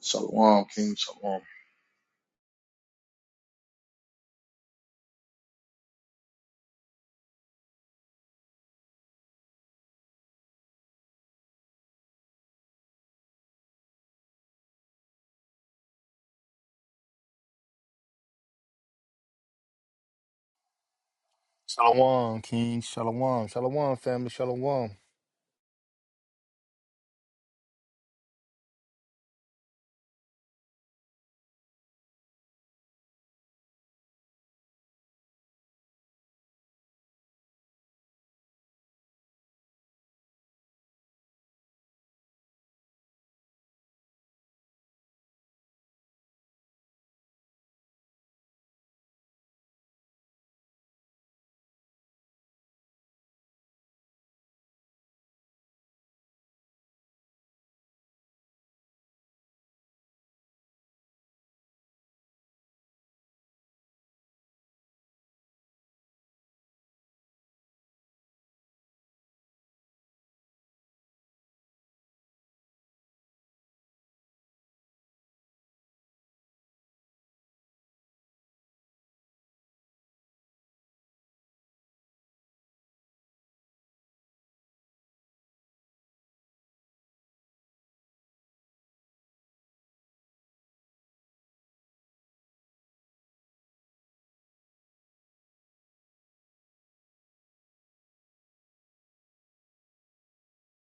Shalom, King Shalom. Shalom, King. Shalom. Shalom, family. Shalom.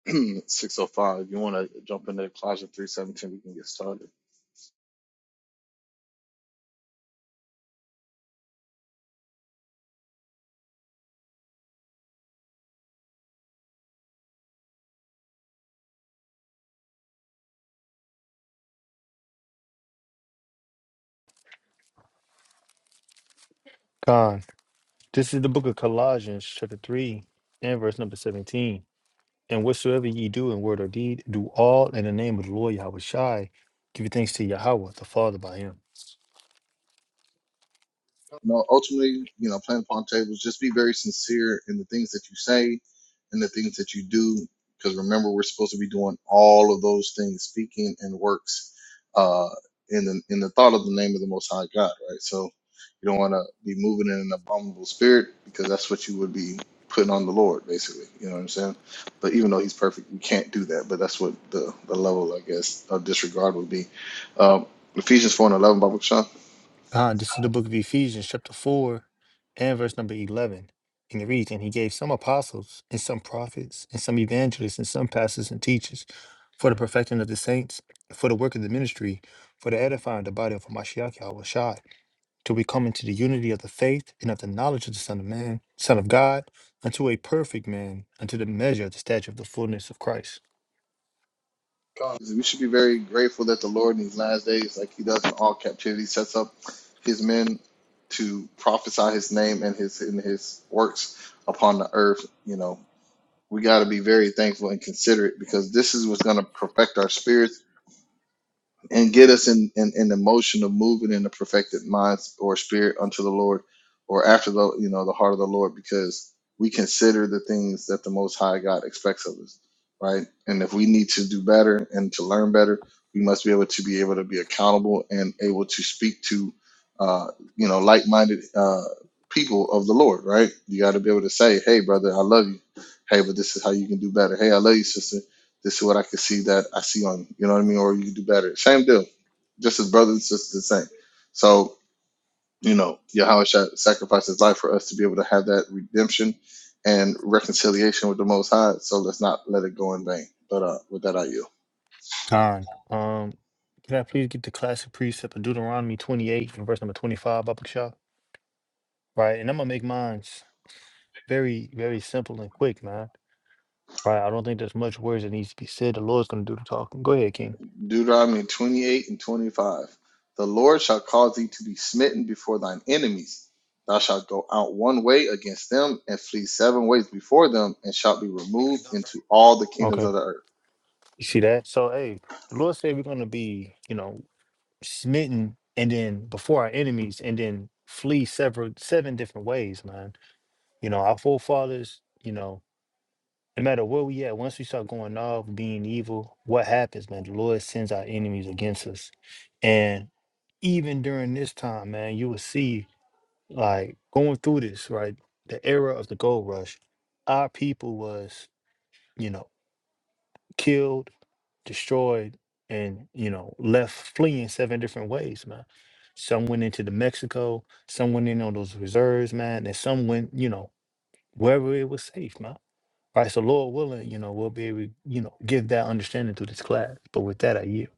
605. You want to jump into the Colossians 317? We can get started. Khan. This is the book of Colossians, chapter 3, and verse number 17. And whatsoever ye do in word or deed, do all in the name of the Lord Yahweh Shai, giving thanks to Yahweh, the Father by him. You know, ultimately, you know, playing upon tables, just be very sincere in the things that you say and the things that you do. Because remember, we're supposed to be doing all of those things, speaking and works, uh, in the in the thought of the name of the Most High God, right? So you don't want to be moving in an abominable spirit because that's what you would be putting on the Lord, basically. You know what I'm saying? But even though He's perfect, we can't do that. But that's what the the level, I guess, of disregard would be. Um, Ephesians four and eleven, Bible Sean. Khan. This is the book of Ephesians, chapter 4, and verse number 11. And it reads, And he gave some apostles, and some prophets, and some evangelists, and some pastors and teachers for the perfecting of the saints, for the work of the ministry, for the edifying of the body of Mashiach Yahweh Shai, till we come into the unity of the faith and of the knowledge of the Son of Man, Son of God, unto a perfect man, unto the measure of the stature of the fullness of Christ. We should be very grateful that the Lord in these last days, like he does in all captivity, sets up his men to prophesy his name and his and his works upon the earth. You know, we got to be very thankful and considerate because this is what's going to perfect our spirits and get us in, in, in the motion of moving in the perfected mind or spirit unto the Lord or after the you know the heart of the Lord because we consider the things that the most high God expects of us, right? And if we need to do better and to learn better, we must be able to be able to be accountable and able to speak to uh you know like-minded uh people of the Lord, right? You got to be able to say, "Hey brother, I love you. Hey, but this is how you can do better. Hey, I love you sister this is what I can see that I see on you. You know what I mean? Or you can do better. Same deal. Just as brothers, just the same. So, you know, Yahweh sha- sacrificed his life for us to be able to have that redemption and reconciliation with the Most High. So let's not let it go in vain. But uh, with that, I yield. Don, um, can I please get the classic precept of Deuteronomy 28 and verse number 25 up shop? Right, and I'm gonna make mine very, very simple and quick, man. Right, I don't think there's much words that needs to be said. The Lord's gonna do the talking. Go ahead, King. Deuteronomy 28 and 25. The Lord shall cause thee to be smitten before thine enemies. Thou shalt go out one way against them and flee seven ways before them, and shalt be removed into all the kingdoms Okay, of the earth. you see that? So, hey, the Lord said we're gonna be, you know. smitten and then before our enemies and then flee several seven different ways man you know our forefathers you know no matter where we at once we start going off being evil what happens man the lord sends our enemies against us and even during this time man you will see like going through this right the era of the gold rush our people was you know killed destroyed and you know left fleeing seven different ways man some went into the mexico some went in on those reserves man and some went you know wherever it was safe man right so lord willing you know we'll be able to you know give that understanding through this class but with that i yield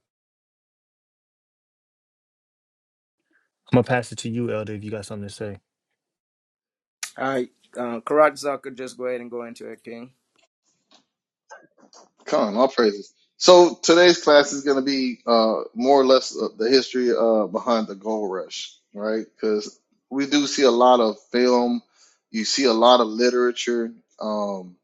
i'm gonna pass it to you elder if you got something to say All right, um, Karat could just go ahead and go into it, King. Come, all praises. So today's class is going to be uh, more or less uh, the history uh, behind the gold rush, right? Because we do see a lot of film, you see a lot of literature. Um,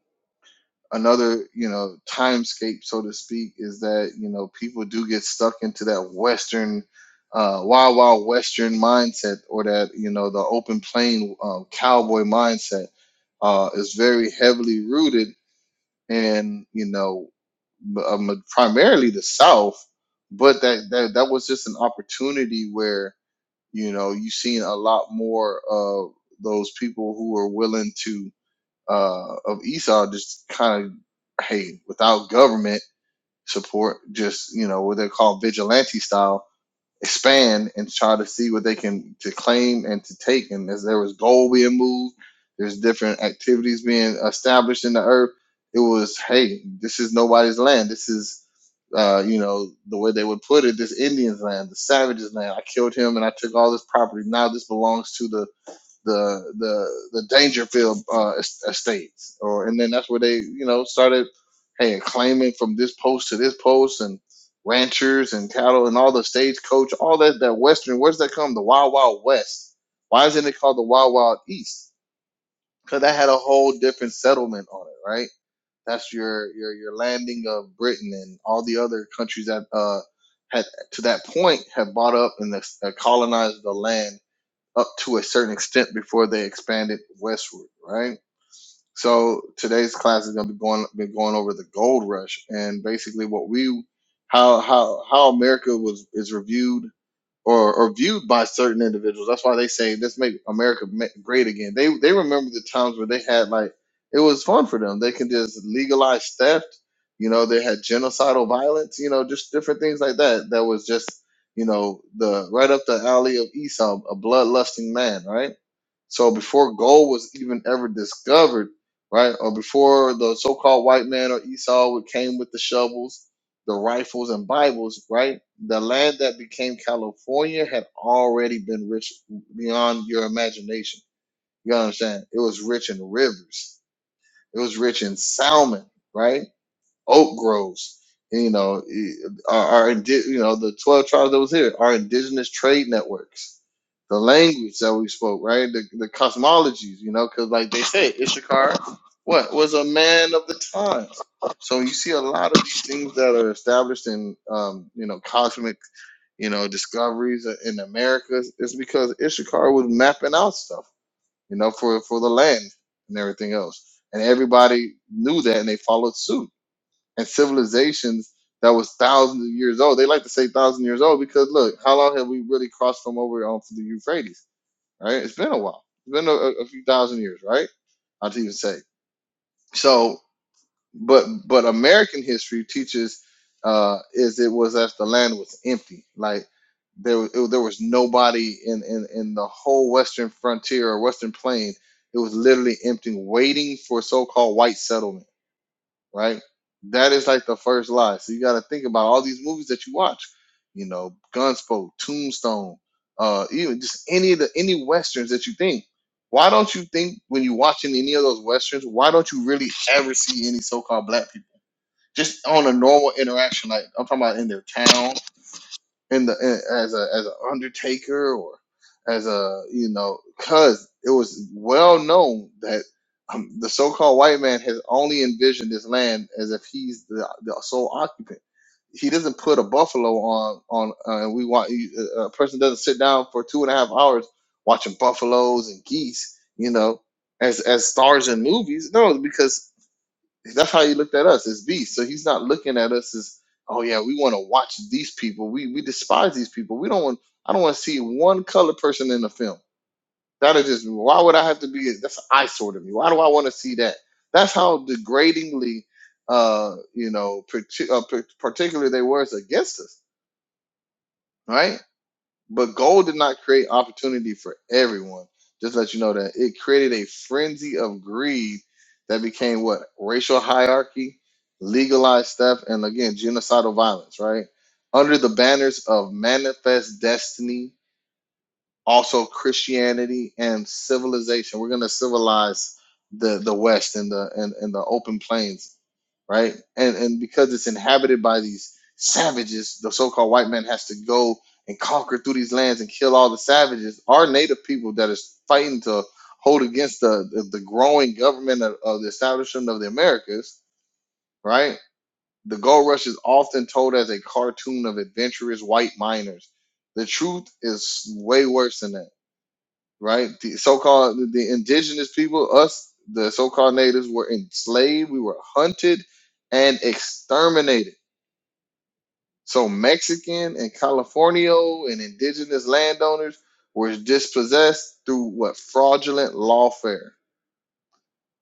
another, you know, timescape, so to speak, is that you know people do get stuck into that Western, uh, wild wild Western mindset, or that you know the open plain um, cowboy mindset uh, is very heavily rooted and you know um, primarily the South, but that, that that was just an opportunity where you know you seen a lot more of those people who were willing to uh, of Esau just kind of hey without government support, just you know what they call vigilante style expand and try to see what they can to claim and to take and as there was gold being moved there's different activities being established in the earth it was hey this is nobody's land this is uh, you know, the way they would put it, this Indian's land, the savage's land. I killed him and I took all this property. Now this belongs to the the the the Dangerfield uh, es- estates, or and then that's where they, you know, started, hey, claiming from this post to this post and ranchers and cattle and all the stagecoach, all that that Western. Where's that come? The Wild Wild West. Why isn't it called the Wild Wild East? Because that had a whole different settlement on it, right? That's your your your landing of Britain and all the other countries that uh had to that point had bought up and uh, colonized the land up to a certain extent before they expanded westward, right? So today's class is going to be going been going over the gold rush and basically what we how how how America was is reviewed or, or viewed by certain individuals. That's why they say let's make America ma- great again. They they remember the times where they had like it was fun for them. They can just legalize theft. You know, they had genocidal violence. You know, just different things like that. That was just you know the right up the alley of Esau, a bloodlusting man, right? So before gold was even ever discovered, right, or before the so-called white man or Esau would- came with the shovels, the rifles, and Bibles, right, the land that became California had already been rich beyond your imagination. You understand? It was rich in rivers. It was rich in salmon, right? oak groves. And, you know, our, our indi- you know the twelve tribes that was here, our indigenous trade networks, the language that we spoke, right? The, the cosmologies, you know, because like they say, Ishakar, what was a man of the times. So you see a lot of these things that are established in, um, you know, cosmic, you know, discoveries in America. It's because Ishakar was mapping out stuff, you know, for for the land and everything else, and everybody knew that and they followed suit and civilizations that was thousands of years old. They like to say thousand years old because look, how long have we really crossed from over onto the Euphrates? Right? It's been a while. It's been a, a few thousand years, right? I'd even say. So, but but American history teaches uh, is it was as the land was empty, like there was- it, there was nobody in, in in the whole western frontier or western plain. It was literally empty, waiting for so-called white settlement right? That is like the first lie. So you got to think about all these movies that you watch, you know, Gunsmoke, Tombstone, uh, even just any of the any westerns that you think. Why don't you think when you're watching any of those westerns? Why don't you really ever see any so-called black people just on a normal interaction? Like I'm talking about in their town, in the in, as a as an undertaker or as a you know because it was well known that um, the so-called white man has only envisioned this land as if he's the, the sole occupant he doesn't put a buffalo on on uh, and we want you- a a person doesn't sit down for two and a half hours watching buffaloes and geese you know as as stars in movies no because that's how he looked at us as beasts. So he's not looking at us as, oh yeah, we want to watch these people. We we despise these people. We don't want. I don't want to see one colored person in the film. That'll just why would I have to be? That's an eyesore to me. Why do I want to see that? That's how degradingly, uh, you know, parti- uh, par- particular they were against us, right? But gold did not create opportunity for everyone. Just to let you know that it created a frenzy of greed that became what racial hierarchy, legalized stuff, and again genocidal violence. Right under the banners of manifest destiny, also Christianity and civilization. We're gonna civilize the the West and the and, and the open plains right? And and because it's inhabited by these savages, the so-called white man has to go and conquer through these lands and kill all the savages. Our native people that is fighting to hold against the the, the growing government of, of the establishment of the Americas, right? The gold rush is often told as a cartoon of adventurous white miners. The truth is way worse than that right? The so-called the, indigenous people, us, the so-called natives, were enslaved. We were hunted and exterminated. So Mexican and Californio and indigenous landowners were dispossessed through what fraudulent lawfare.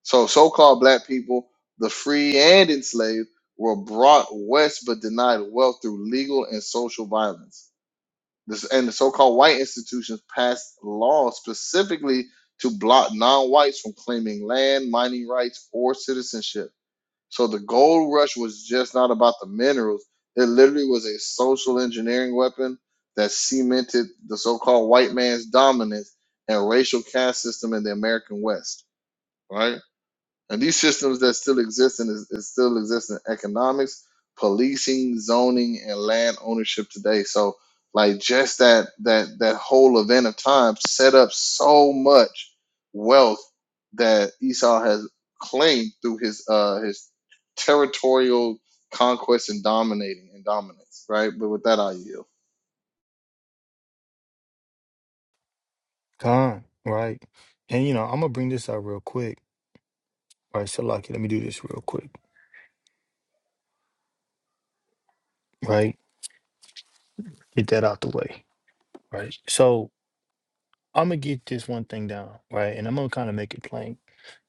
So so-called black people, the free and enslaved, were brought west but denied wealth through legal and social violence. This, and the so-called white institutions passed laws specifically to block non-whites from claiming land, mining rights, or citizenship. So the gold rush was just not about the minerals. It literally was a social engineering weapon that cemented the so-called white man's dominance and racial caste system in the American West. Right? And these systems that still exist and is, is still exist in economics, policing, zoning, and land ownership today. So like just that that that whole event of time set up so much wealth that Esau has claimed through his uh his territorial conquest and dominating and dominance, right? But with that I yield. Con, right and you know i'm gonna bring this out real quick right so lucky let me do this real quick right get that out the way right So. I'm gonna get this one thing down, right? And I'm gonna kind of make it plain.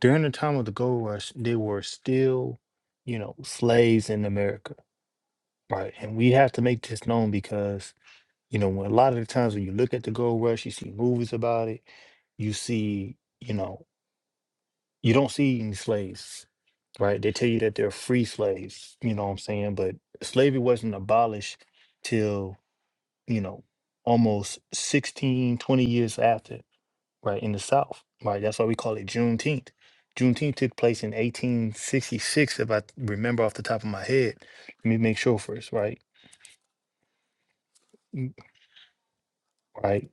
During the time of the gold rush, there were still, you know, slaves in America, right? And we have to make this known because, you know, when a lot of the times when you look at the gold rush, you see movies about it, you see, you know, you don't see any slaves, right? They tell you that they're free slaves, you know what I'm saying? But slavery wasn't abolished till, you know, almost 16, 20 years after right, in the South. Right. That's why we call it Juneteenth. Juneteenth took place in 1866, if I remember off the top of my head. Let me make sure first, right? Mm, Right.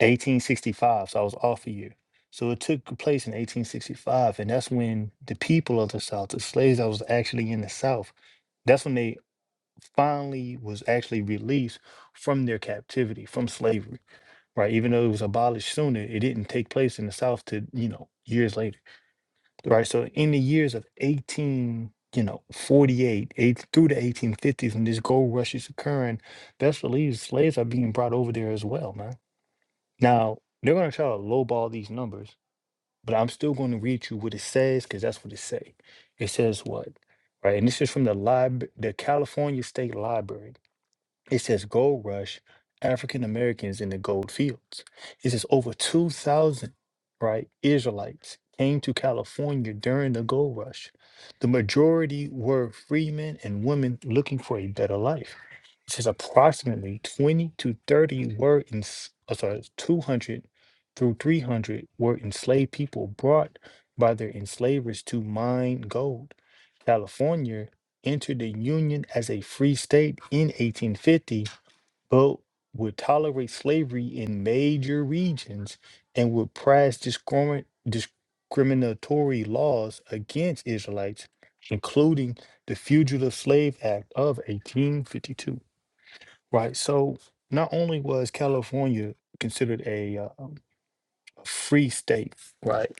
1865. So I was off a year. So it took place in 1865. And that's when the people of the South, the slaves that was actually in the South, that's when they finally was actually released from their captivity, from slavery. Right. Even though it was abolished sooner, it didn't take place in the South to, you know, years later. right? So in the years of 18, you know, 48 eight, through the 1850s, when this gold rush is occurring, best believe slaves are being brought over there as well, man. Now, they're going to try to lowball these numbers, but I'm still going to read you what it says because that's what it say. It says what? Right, and this is from the lib- the California State Library. It says gold rush, African Americans in the gold fields. It says over 2,000, right, Israelites came to California during the gold rush. The majority were freemen and women looking for a better life. It says approximately 20 to 30 were, in, oh, sorry, 200 through 300 were enslaved people brought by their enslavers to mine gold. California entered the Union as a free state in 1850, but would tolerate slavery in major regions and would pass discrimi- discriminatory laws against Israelites, including the Fugitive Slave Act of 1852. Right. So not only was California considered a, uh, um, a free state, right,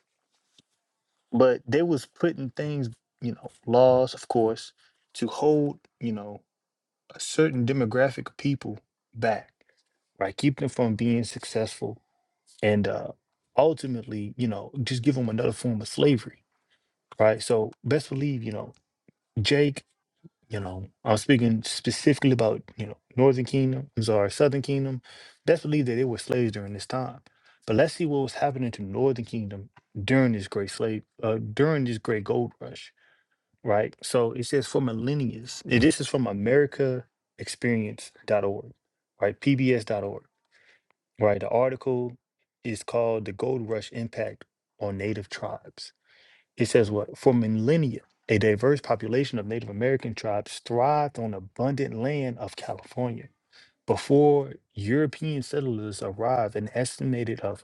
but they was putting things, you know, laws, of course, to hold, you know, a certain demographic of people back, right? Keep them from being successful and uh, ultimately, you know, just give them another form of slavery, right? So best believe, you know, Jake, you know, I'm speaking specifically about, you know, Northern Kingdom, I'm sorry, Southern Kingdom. Best believe that they were slaves during this time. But let's see what was happening to Northern Kingdom during this great slave, uh, during this great gold rush right? So it says for millennials. and This is from americaexperience.org, right? PBS.org, right? The article is called The Gold Rush Impact on Native Tribes. It says what? For millennia, a diverse population of Native American tribes thrived on abundant land of California. Before European settlers arrived, an estimated of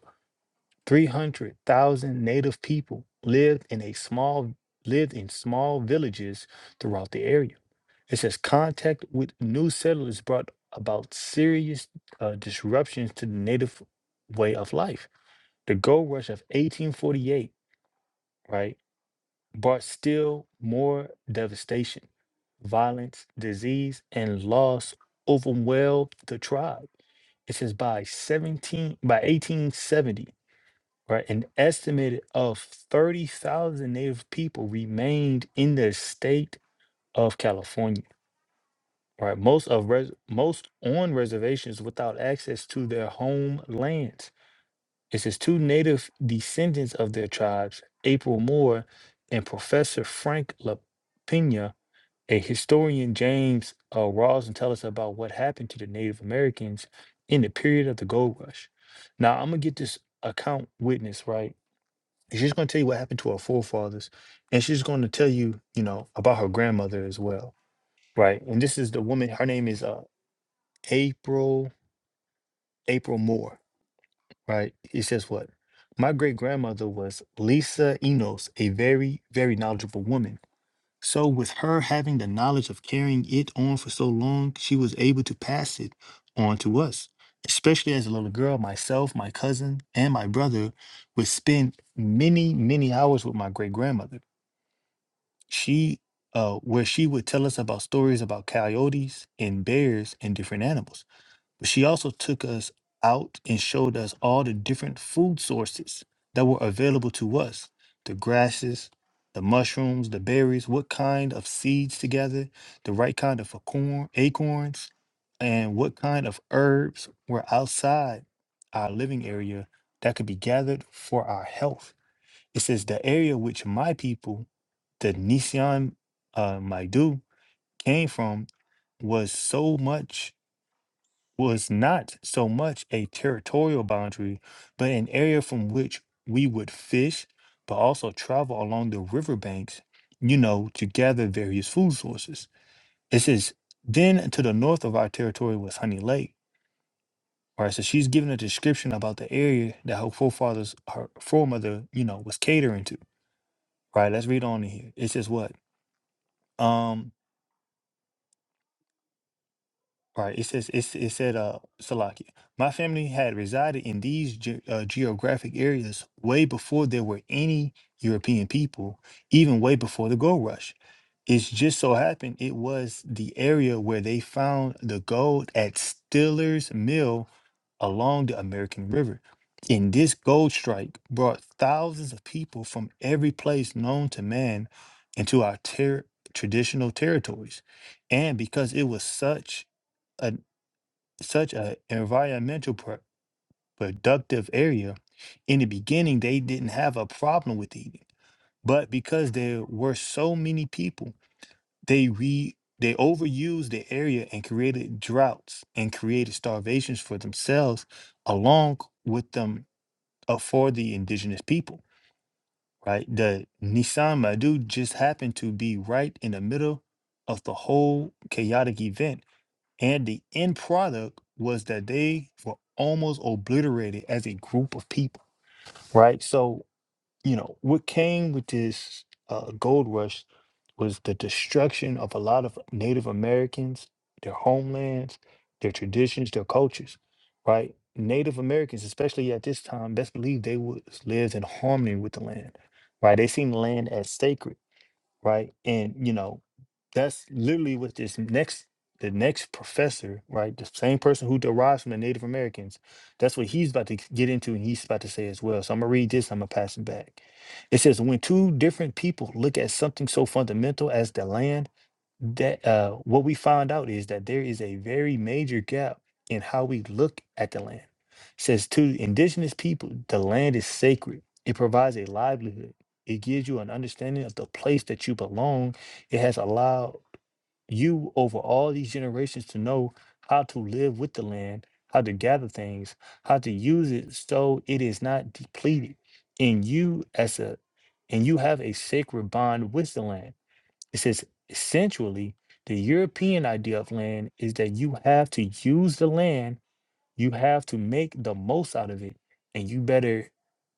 300,000 native people lived in a small lived in small villages throughout the area. It says contact with new settlers brought about serious uh, disruptions to the native way of life. The gold rush of 1848, right, brought still more devastation. Violence, disease, and loss overwhelmed the tribe. It says by 17 by 1870 right? An estimated of 30,000 Native people remained in the state of California, right? Most of res- most on reservations without access to their homelands. It says two Native descendants of their tribes, April Moore and Professor Frank LaPena, a historian James uh, Rawson tell us about what happened to the Native Americans in the period of the gold rush. Now I'm gonna get this account witness right and she's going to tell you what happened to her forefathers. And she's going to tell you, you know, about her grandmother as well. Right. And this is the woman, her name is uh, April, April Moore. Right. It says what? My great grandmother was Lisa Enos, a very, very knowledgeable woman. So, with her having the knowledge of carrying it on for so long, she was able to pass it on to us. Especially as a little girl, myself, my cousin, and my brother would spend many, many hours with my great grandmother She, uh, where she would tell us about stories about coyotes and bears and different animals. But she also took us out and showed us all the different food sources that were available to us the grasses, the mushrooms, the berries, what kind of seeds to gather, the right kind of acorn, acorns, and what kind of herbs were outside our living area that could be gathered for our health. It says, The area which my people the Nissan uh, Maidu came from was so much was not so much a territorial boundary, but an area from which we would fish, but also travel along the riverbanks, you know, to gather various food sources. It says, then to the north of our territory was Honey Lake. All right, so she's giving a description about the area that her forefathers, her foremother, you know, was catering to. Right, let's read on in here. It says what? Um, Right. It says it, it said uh Salaki, my family had resided in these ge- uh, geographic areas way before there were any European people, even way before the gold rush. It's just so happened it was the area where they found the gold at Stiller's Mill along the American River. And this gold strike brought thousands of people from every place known to man into our ter- traditional territories. And because it was such a such a environmental pro- productive area, in the beginning they didn't have a problem with eating. But because there were so many people they re they overused the area and created droughts and created starvations for themselves, along with them uh, for the indigenous people. Right, the Nisan Madu just happened to be right in the middle of the whole chaotic event, and the end product was that they were almost obliterated as a group of people. Right, so you know what came with this uh, gold rush was the destruction of a lot of Native Americans, their homelands, their traditions, their cultures, right? Native Americans, especially at this time, best believe they was lived in harmony with the land, right? They seen land as sacred right? And you know, that's literally what this next the next professor, right? The same person who derives from the Native Americans, that's what he's about to get into and he's about to say as well. So I'm gonna read this, I'm gonna pass it back. It says, when two different people look at something so fundamental as the land that uh, what we found out is that there is a very major gap in how we look at the land. says to indigenous people, the land is sacred. It provides a livelihood. It gives you an understanding of the place that you belong. It has allowed you over all these generations to know how to live with the land, how to gather things, how to use it so it is not depleted. And you as a and you have a sacred bond with the land it says, essentially, the European idea of land is that you have to use the land, you have to make the most out of it, and you better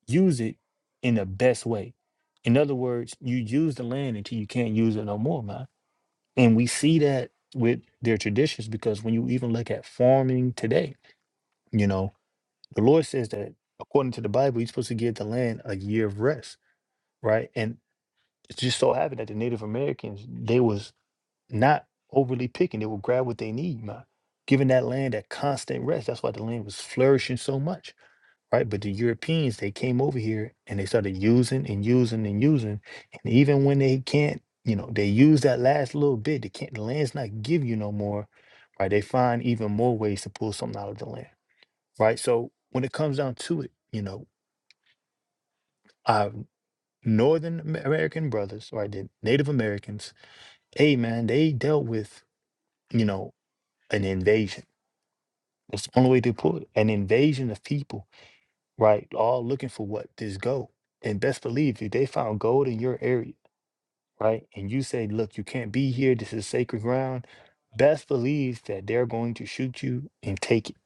use it in the best way. In other words, you use the land until you can't use it no more, man. And we see that with their traditions because when you even look at farming today, you know, the Lord says that according to the Bible, you're supposed to give the land a year of rest, right? And it just so happened that the Native Americans, they was not overly picking. They will grab what they need, man. Giving that land that constant rest. That's why the land was flourishing so much, right? But the Europeans, they came over here and they started using and using and using. And even when they can't, you know, they use that last little bit, they can't, the land's not give you no more, right? They find even more ways to pull something out of the land, right? So when it comes down to it, you know, our Northern Am- American brothers, right, the Native Americans, hey, man, they dealt with, you know, an invasion That's the only way to put it. An invasion of people, right? All looking for what? This gold. And best believe if they found gold in your area, right? And you say, look, you can't be here. This is sacred ground. Best believe that they're going to shoot you and take it,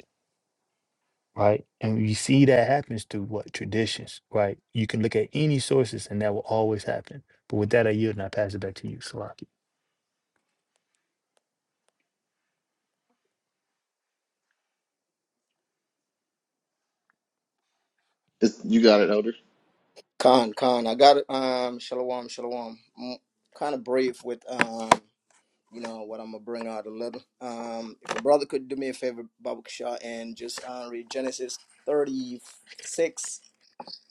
right? And you see that happens through what? Traditions, right? You can look at any sources and that will always happen. But with that, I yield and I pass it back to you, Salaki. It- You got it, Elder. Khan, Khan, I got it. Um, shalom, shalom. I'm kind of brief with um, you know what I'm gonna bring out a little. Um, if a brother could do me a favor, Baba Kishar, and just uh, read Genesis 36,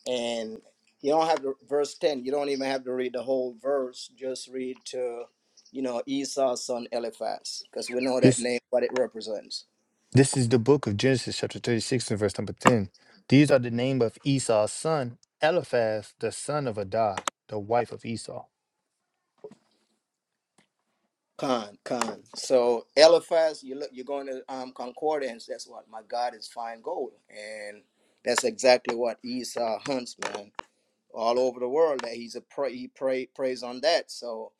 and you don't have the verse 10. You don't even have to read the whole verse. Just read to, you know, Esau's son Eliphaz, because we know This. that name, what it represents. This is the book of Genesis, chapter 36, and verse number 10. These are the name of Esau's son, Eliphaz, the son of Adah, the wife of Esau. Con, con. So Eliphaz, you look, you're going to um, concordance. That's what my God is fine gold, and that's exactly what Esau hunts, man all over the world that he's a pray he pray prays on that. So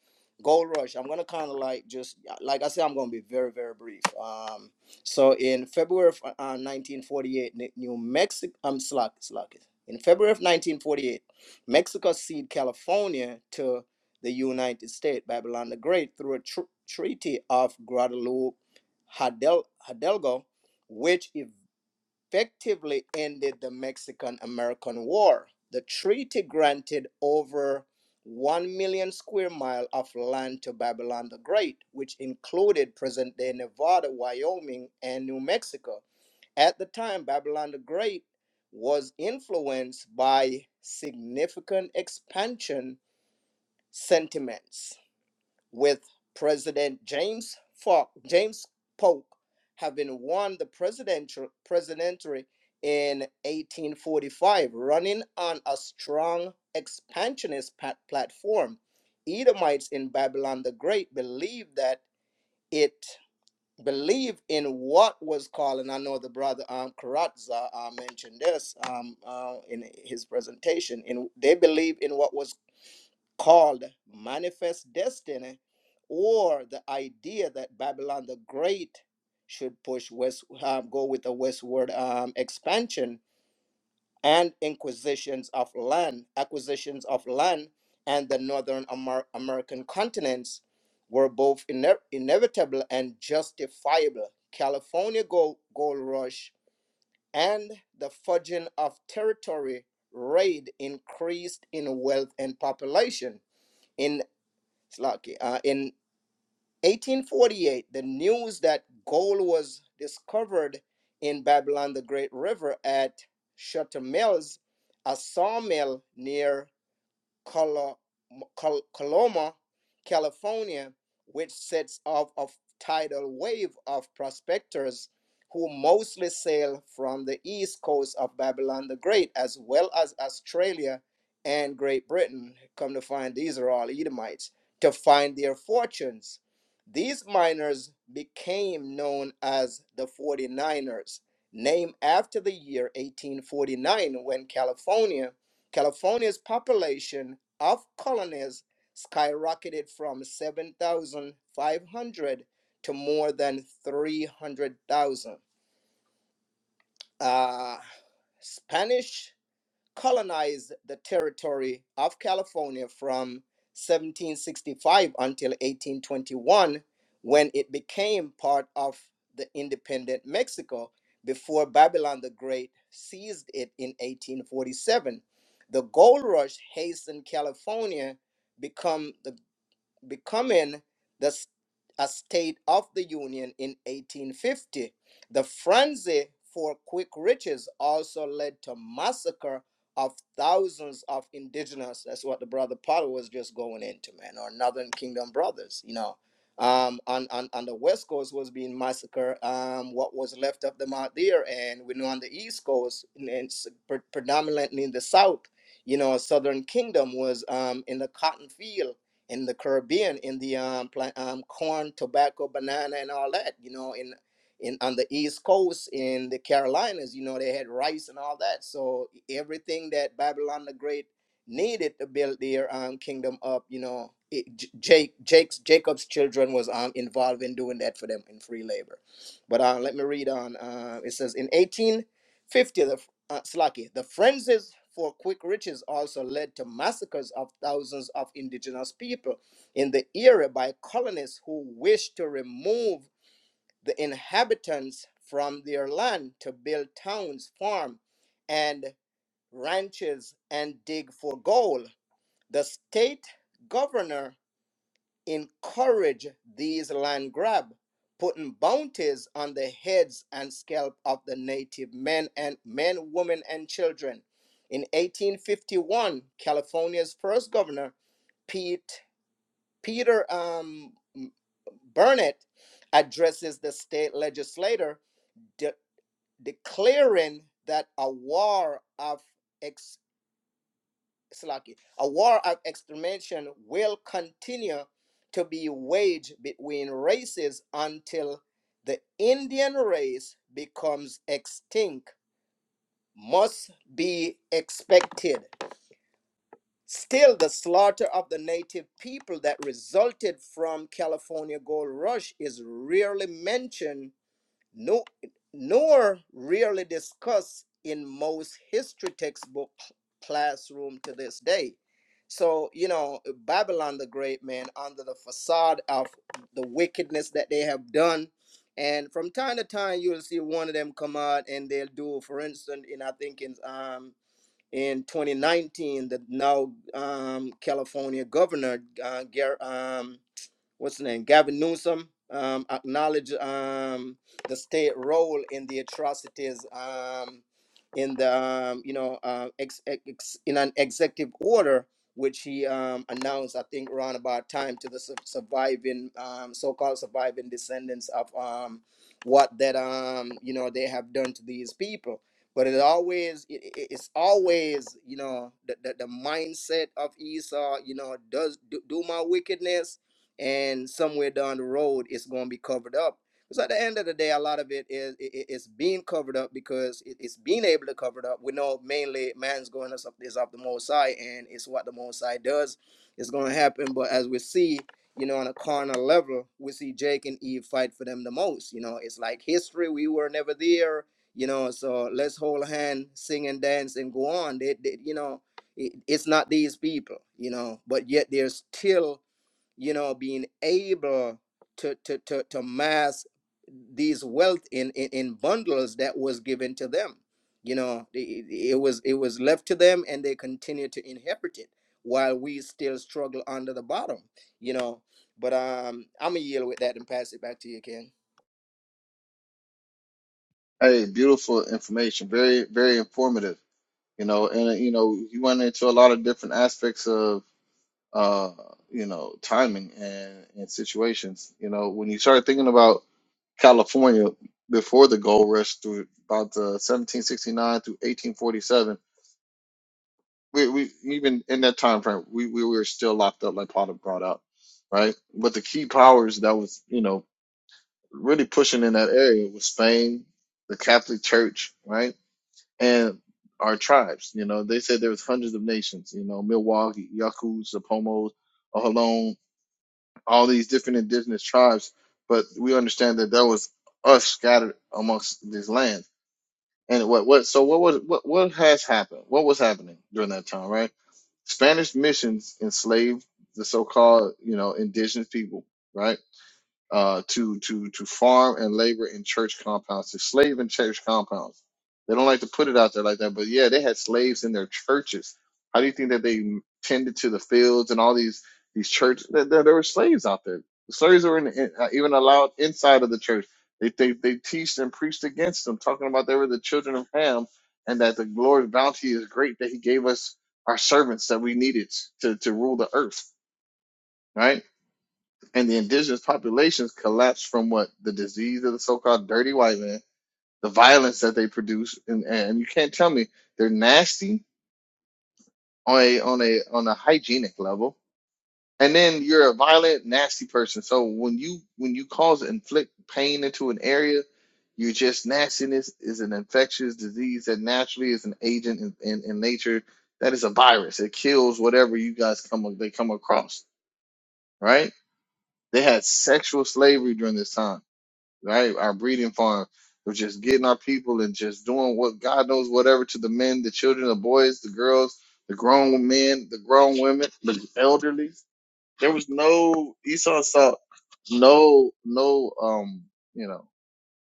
Gold Rush, I'm gonna kind of like just uh, like I said, I'm gonna be very very brief. Um, so in February of uh, 1948, New Mexico, I'm um, slack slack it. In February of 1948, Mexico ceded California to the United States, Babylon the Great, through a tr- treaty of Guadalupe Hidalgo, which ev effectively ended the Mexican American War. The treaty granted over 1 million square mile of land to Babylon the Great, which included present day Nevada, Wyoming, and New Mexico. At the time, Babylon the Great was influenced by significant expansion sentiments with President James Falk, James Polk, having won the presidential presidency in 1845, running on a strong expansionist pat- platform. Edomites in Babylon the Great believed that it believed in what was called, and I know the brother um, Karatza uh, mentioned this um, uh, in his presentation. In they believe in what was called manifest destiny or the idea that babylon the great should push west um, go with the westward um, expansion and inquisitions of land acquisitions of land and the northern Amer- american continents were both ine- inevitable and justifiable california gold, gold rush and the fudging of territory raid increased in wealth and population in. It's Lucky. Uh, in 1848, the news that gold was discovered in Babylon the Great River at Shutter Mills, a sawmill near Colo- Col- Coloma, California, which sets off a tidal wave of prospectors who mostly sail from the east coast of Babylon the Great, as well as Australia and Great Britain. Come to find these are all Edomites to find their fortunes. These miners became known as the Forty-Niners, named after the year 1849 when California California's population of colonies skyrocketed from 7,500 to more than 300,000. Uh, Spanish colonized the territory of California from 1765 until 1821, when it became part of the independent Mexico before Babylon the Great seized it in 1847. The gold rush hastened California become the becoming the, a state of the Union in 1850. The frenzy for quick riches also led to massacre of thousands of indigenous. That's what the brother Potter was just going into, man, or Northern Kingdom brothers, you know. Um, on, on, on the west coast was being massacred. Um, what was left of them out there, and we know on the east coast, and, and s- pre- predominantly in the south, you know, southern kingdom was um in the cotton field in the Caribbean, in the um, plant, um, corn, tobacco, banana, and all that. You know, in in on the East Coast, in the Carolinas, you know, they had rice and all that. So e, everything that Babylon the Great needed to build their um, kingdom up, you know, it, Jake Jake's Jacob's children was um, involved in doing that for them in free labor. But uh, let me read on. Uh, it says in 1850, the uh, Slaki, the frenzies for quick riches also led to massacres of thousands of indigenous people in the area by colonists who wished to remove the inhabitants from their land to build towns, farm, and ranches and dig for gold. The state governor encourage these land grab, putting bounties on the heads and scalp of the native men and men, women, and children. In 1851, California's first governor, Pete Peter um, Burnett, addresses the state legislature, de- declaring that a war of ex Slaki. A war of extermination will continue to be waged between races until the Indian race becomes extinct, must be expected. Still, the slaughter of the native people that resulted from California gold rush is rarely mentioned no, nor really discussed in most history textbook classroom to this day. So, you know, Babylon the Great, man, under the facade of the wickedness that they have done. And from time to time, you'll see one of them come out and they'll do, for instance, in I think in um, in 2019, the now um, California governor, uh, Gar- um, what's the name, Gavin Newsom, um, acknowledge um, the state role in the atrocities um, in the um, you know uh, ex, ex, in an executive order which he um, announced, I think, around about time to the su- surviving um, so-called surviving descendants of um, what that um, you know they have done to these people. But it always it, it's always you know the, the, the mindset of Esau. You know, does do, do my wickedness and somewhere down the road it's going to be covered up because at the end of the day a lot of it is it, it's being covered up because it, it's being able to cover it up we know mainly man's going us up is up the most high and it's what the most high does it's going to happen but as we see you know on a carnal level we see jake and eve fight for them the most you know it's like history we were never there you know so let's hold a hand sing and dance and go on they, they you know it, it's not these people you know but yet they're still you know being able to to to, to mass these wealth in, in in bundles that was given to them you know i- it was it was left to them and they continue to inherit it while we still struggle under the bottom you know but um i'm gonna yield with that and pass it back to you king Hey, beautiful information. Very, very informative you know, and uh, you know, you went into a lot of different aspects of. uh, you know, timing and, and situations. You know, when you start thinking about California before the gold rush through about uh, 1769 through 1847, we, we even in that time frame, we, we were still locked up, like Potter brought up, right? But the key powers that was, you know, really pushing in that area was Spain, the Catholic Church, right? And our tribes, you know, they said there was hundreds of nations, you know, Milwaukee, Yakuts, the Pomos, Ohlone, all these different indigenous tribes, but we understand that there was us scattered amongst this land. And what what so what was what what has happened? What was happening during that time, right? Spanish missions enslaved the so-called, you know, indigenous people, right? uh, to to to farm and labor in church compounds, to slave in church compounds. They don't like to put it out there like that, but yeah, they had slaves in their churches. How do you think that they tended to the fields and all these these churches? There, there, there were slaves out there. The slaves were in, in, uh, even allowed inside of the church. They, they they teached and preached against them, talking about they were the children of Ham and that the Lord's bounty is great that He gave us our servants that we needed to to rule the earth. Right? and the indigenous populations collapsed from what the disease of the so-called dirty white man, the violence that they produce, and, and you can't tell me they're nasty on a on a on a hygienic level. And then you're a violent, nasty person. So when you when you cause inflict pain into an area, you're just nastiness is an infectious disease that naturally is an agent in, in, in nature that is a virus. It kills whatever you guys come they come across, right? They had sexual slavery during this time right? Our breeding farm of just getting our people and just doing what God knows, whatever to the men, the children, the boys, the girls, the grown men, the grown women, the elderly. There was no Esau saw no no um you know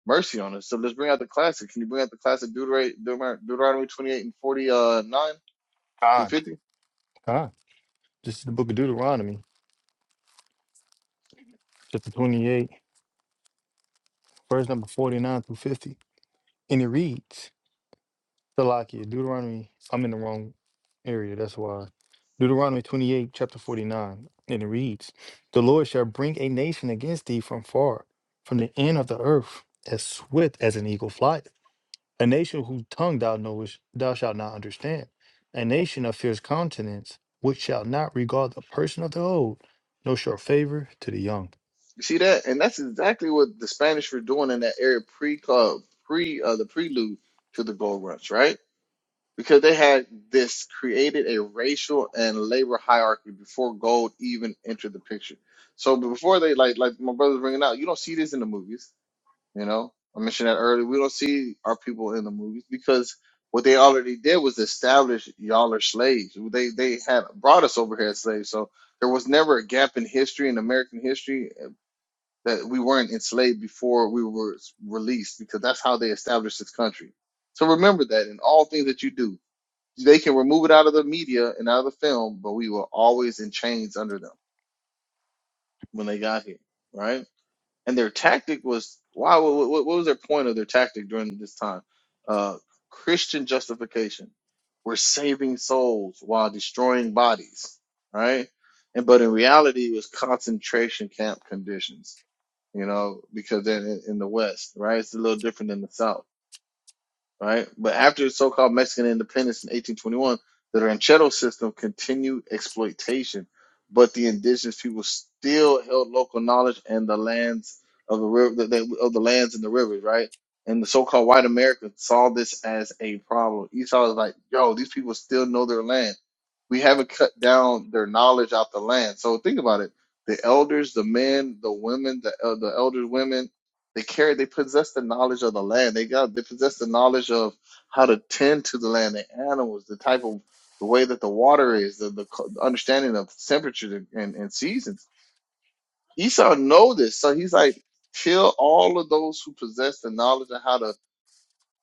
mercy on us. So let's bring out the classic. Can you bring out the classic Deuteronomy, Deuteronomy 28 and 49 through God. 50? You God. This is the book of Deuteronomy, chapter 28, verse number 49 through 50. And it reads, Salakia, Deuteronomy, I'm in the wrong area, that's why. Deuteronomy 28, chapter 49, and it reads, The Lord shall bring a nation against thee from far, from the end of the earth, as swift as an eagle flies. A nation whose tongue thou knowest, thou shalt not understand. A nation of fierce countenance, which shall not regard the person of the old, nor show favor to the young. see that? And that's exactly what the Spanish were doing in that area pre uh, pre uh, the prelude to the gold rush, right? because they had this created a racial and labor hierarchy before gold even entered the picture. So before they like like my brother's bringing out, you don't see this in the movies. You know, I mentioned that earlier. We don't see our people in the movies because what they already did was establish y'all are slaves. They they had brought us over here as slaves. So there was never a gap in history in American history uh, that we weren't enslaved before we were s- released because that's how they established this country. So remember that in all things that you do they can remove it out of the media and out of the film, but we were always in chains under them when they got here, right? And their tactic was wow. What, what what was their point of their tactic during this time? Uh, Christian justification. We're saving souls while destroying bodies, right? And but in reality, it was concentration camp conditions, you know, because they're in, in the West, right? It's a little different than the South right? But after so-called Mexican independence in 1821, the ranchero system continued exploitation, but the indigenous people still held local knowledge and the lands of the river, of the lands and the rivers, right? And the so-called white Americans saw this as a problem. Esau was like, "Yo, these people still know their land we haven't cut down their knowledge out the land. So think about it: the elders, the men, the women, the uh, the elders, women, they carry, they possess the knowledge of the land. They got, they possess the knowledge of how to tend to the land, the animals, the type of the way that the water is, the the, co- the understanding of temperature and and seasons. Esau know this, so he's like, kill all of those who possess the knowledge of how to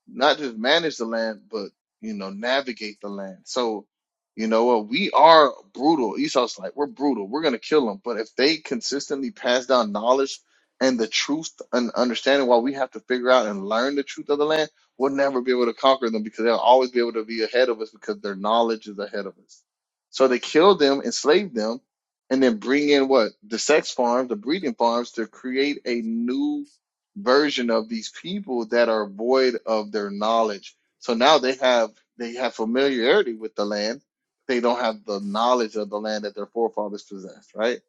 not just manage the land, but you know, navigate the land. So, you know what? We are brutal. Esau's like, we're brutal. We're gonna kill them. But if they consistently pass down knowledge and the truth and understanding, while we have to figure out and learn the truth of the land, we'll never be able to conquer them because they'll always be able to be ahead of us because their knowledge is ahead of us. So they kill them, enslave them, and then bring in what the sex farms, the breeding farms, to create a new version of these people that are void of their knowledge. So now they have they have familiarity with the land, they don't have the knowledge of the land that their forefathers possessed, right?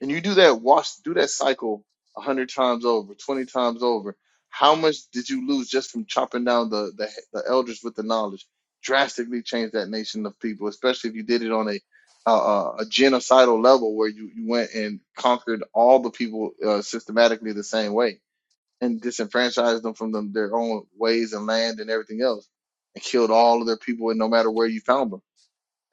And you do that wash do that cycle a hundred times over, twenty times over. How much did you lose just from chopping down the, the the elders with the knowledge? Drastically changed that nation of people, especially if you did it on a uh, a genocidal level where you, you went and conquered all the people uh, systematically the same way and disenfranchised them from them, their own ways and land and everything else and killed all of their people and no matter where you found them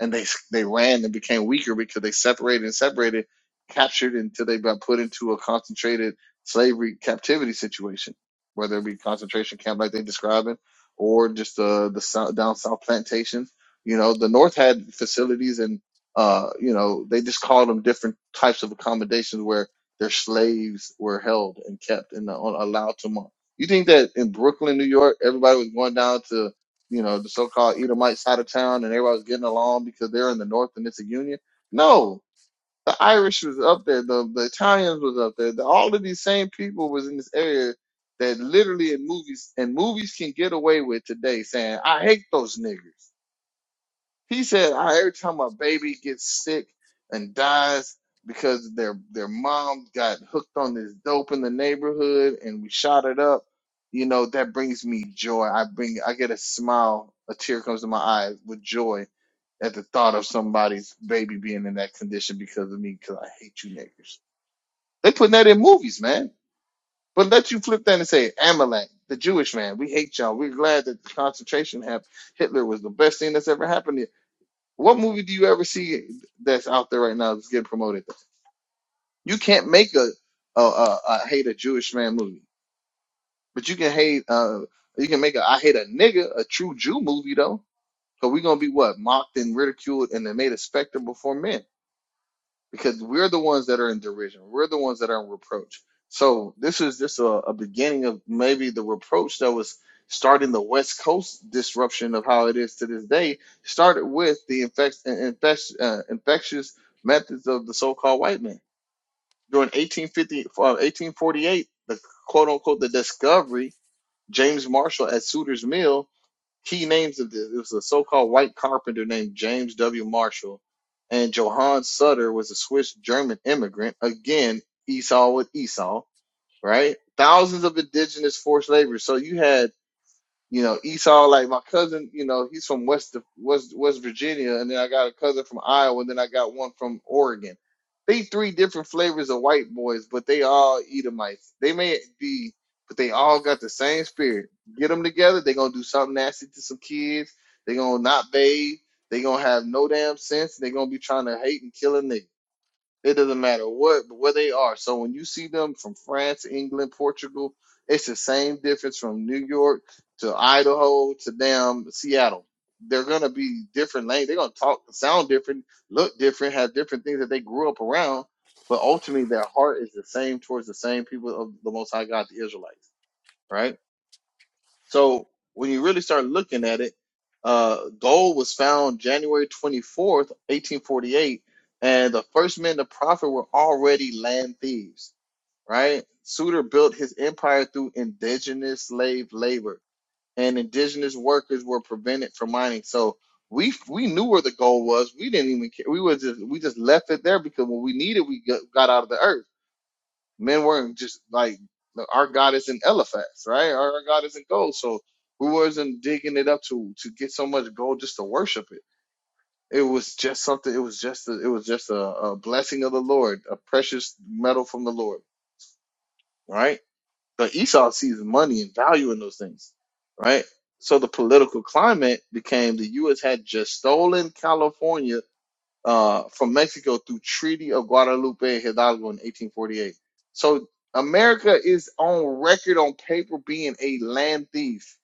and they they ran and became weaker because they separated and separated, captured until they got put into a concentrated slavery captivity situation, whether it be concentration camp like they describing, or just uh, the sou- down south plantations. You know, the North had facilities and uh, you know they just called them different types of accommodations where their slaves were held and kept and uh, allowed to. Mon- you think that in Brooklyn, New York, everybody was going down to you know, the so-called Edomite side of town and everybody was getting along because they're in the north and it's a union. No, the Irish was up there, the, the Italians was up there, the, all of these same people was in this area that literally in movies and movies can get away with today saying, I hate those niggers. He said "Ah, every time a baby gets sick and dies because their their mom got hooked on this dope in the neighborhood and we shot it up, you know that brings me joy. I bring I get a smile, a tear comes to my eyes with joy at the thought of somebody's baby being in that condition because of me. Because I hate you niggers. They putting that in movies, man. But let you flip that and say Amalek, the Jewish man. We hate y'all. We're glad that the concentration camp Hitler was the best thing that's ever happened what movie do you ever see that's out there right now that's getting promoted? You can't make a a, a, a hate a Jewish man movie, but you can hate uh you can make a I hate a nigga a true Jew movie though, because we're gonna be what mocked and ridiculed and then made a specter before men because we're the ones that are in derision. We're the ones that are in reproach. So this is just a, a beginning of maybe the reproach that was starting the West Coast disruption of how it is to this day. Started with the infect, infect, uh, infectious methods of the so-called white man during 1850, uh, 1848. The quote-unquote the discovery James Marshall at Sutter's Mill Key names of this it was a so called white carpenter named James W. Marshall, and Johann Sutter was a Swiss German immigrant. Again, Esau with Esau, right? Thousands of indigenous forced laborers. So you had you know, Esau, like my cousin, you know, he's from West West West Virginia, and then I got a cousin from Iowa, and then I got one from Oregon. They three different flavors of white boys, but they all Edomites. They may be, but they all got the same spirit. Get them together, they gonna do something nasty to some kids. they gonna not bathe. they gonna have no damn sense. they gonna be trying to hate and kill a nigga. It doesn't matter what where they are. So when you see them from France, England, Portugal, it's the same difference from New York to Idaho to damn Seattle. They're gonna be different lanes. They're gonna talk, sound different, look different, have different things that they grew up around. But ultimately, their heart is the same towards the same people of the Most High God, the Israelites, right? So when you really start looking at it, uh, gold was found January 24th, 1848, and the first men to profit were already land thieves, right? Suter built his empire through indigenous slave labor, and indigenous workers were prevented from mining. So we we knew where the gold was. We didn't even care. We was just we just left it there because when we needed, we got, got out of the earth men weren't just like our God isn't Eliphaz, right? Our, our God isn't gold, so we wasn't digging it up to to get so much gold just to worship it. It was just something. It was just a, it was just a, a blessing of the Lord, a precious metal from the Lord, right? But Esau sees money and value in those things, right? So the political climate became the U.S. had just stolen California uh, from Mexico through Treaty of Guadalupe Hidalgo in 1848. So America is on record on paper being a land thief.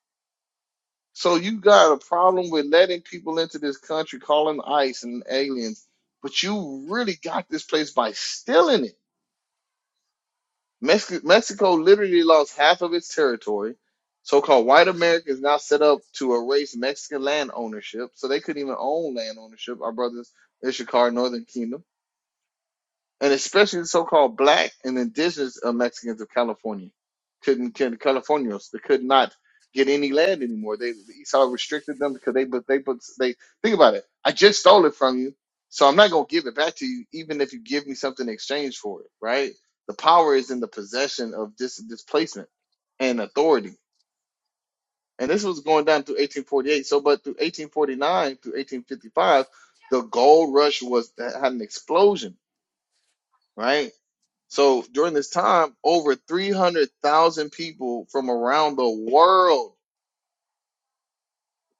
So you got a problem with letting people into this country, calling ICE and aliens, but you really got this place by stealing it. Mexico, Mexico literally lost half of its territory. So-called white America is now set up to erase Mexican land ownership, so they couldn't even own land ownership. Our brothers in Ishikar, Northern Kingdom. and especially the so-called black and indigenous uh, Mexicans of California couldn't can Californios they could not get any land anymore. They the Esau restricted them because they but they but they think about it. I just stole it from you, so I'm not gonna give it back to you, even if you give me something in exchange for it. Right? The power is in the possession of this displacement and authority. And this was going down through 1848. So, but through 1849 through 1855, the gold rush was had an explosion, right? So during this time, over 300,000 people from around the world,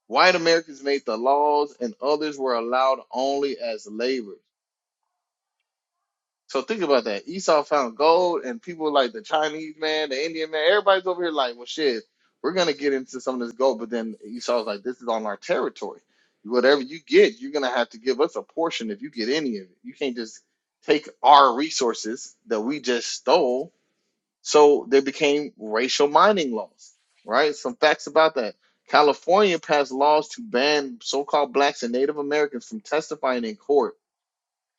white Americans made the laws and others were allowed only as laborers. So think about that. Esau found gold and people like the Chinese man, the Indian man, everybody's over here like, well, shit, we're going to get into some of this gold. But then Esau's like, this is on our territory. Whatever you get, you're going to have to give us a portion if you get any of it. You can't just take our resources that we just stole So there became racial mining laws, right? Some facts about that. California passed laws to ban so called blacks and Native Americans from testifying in court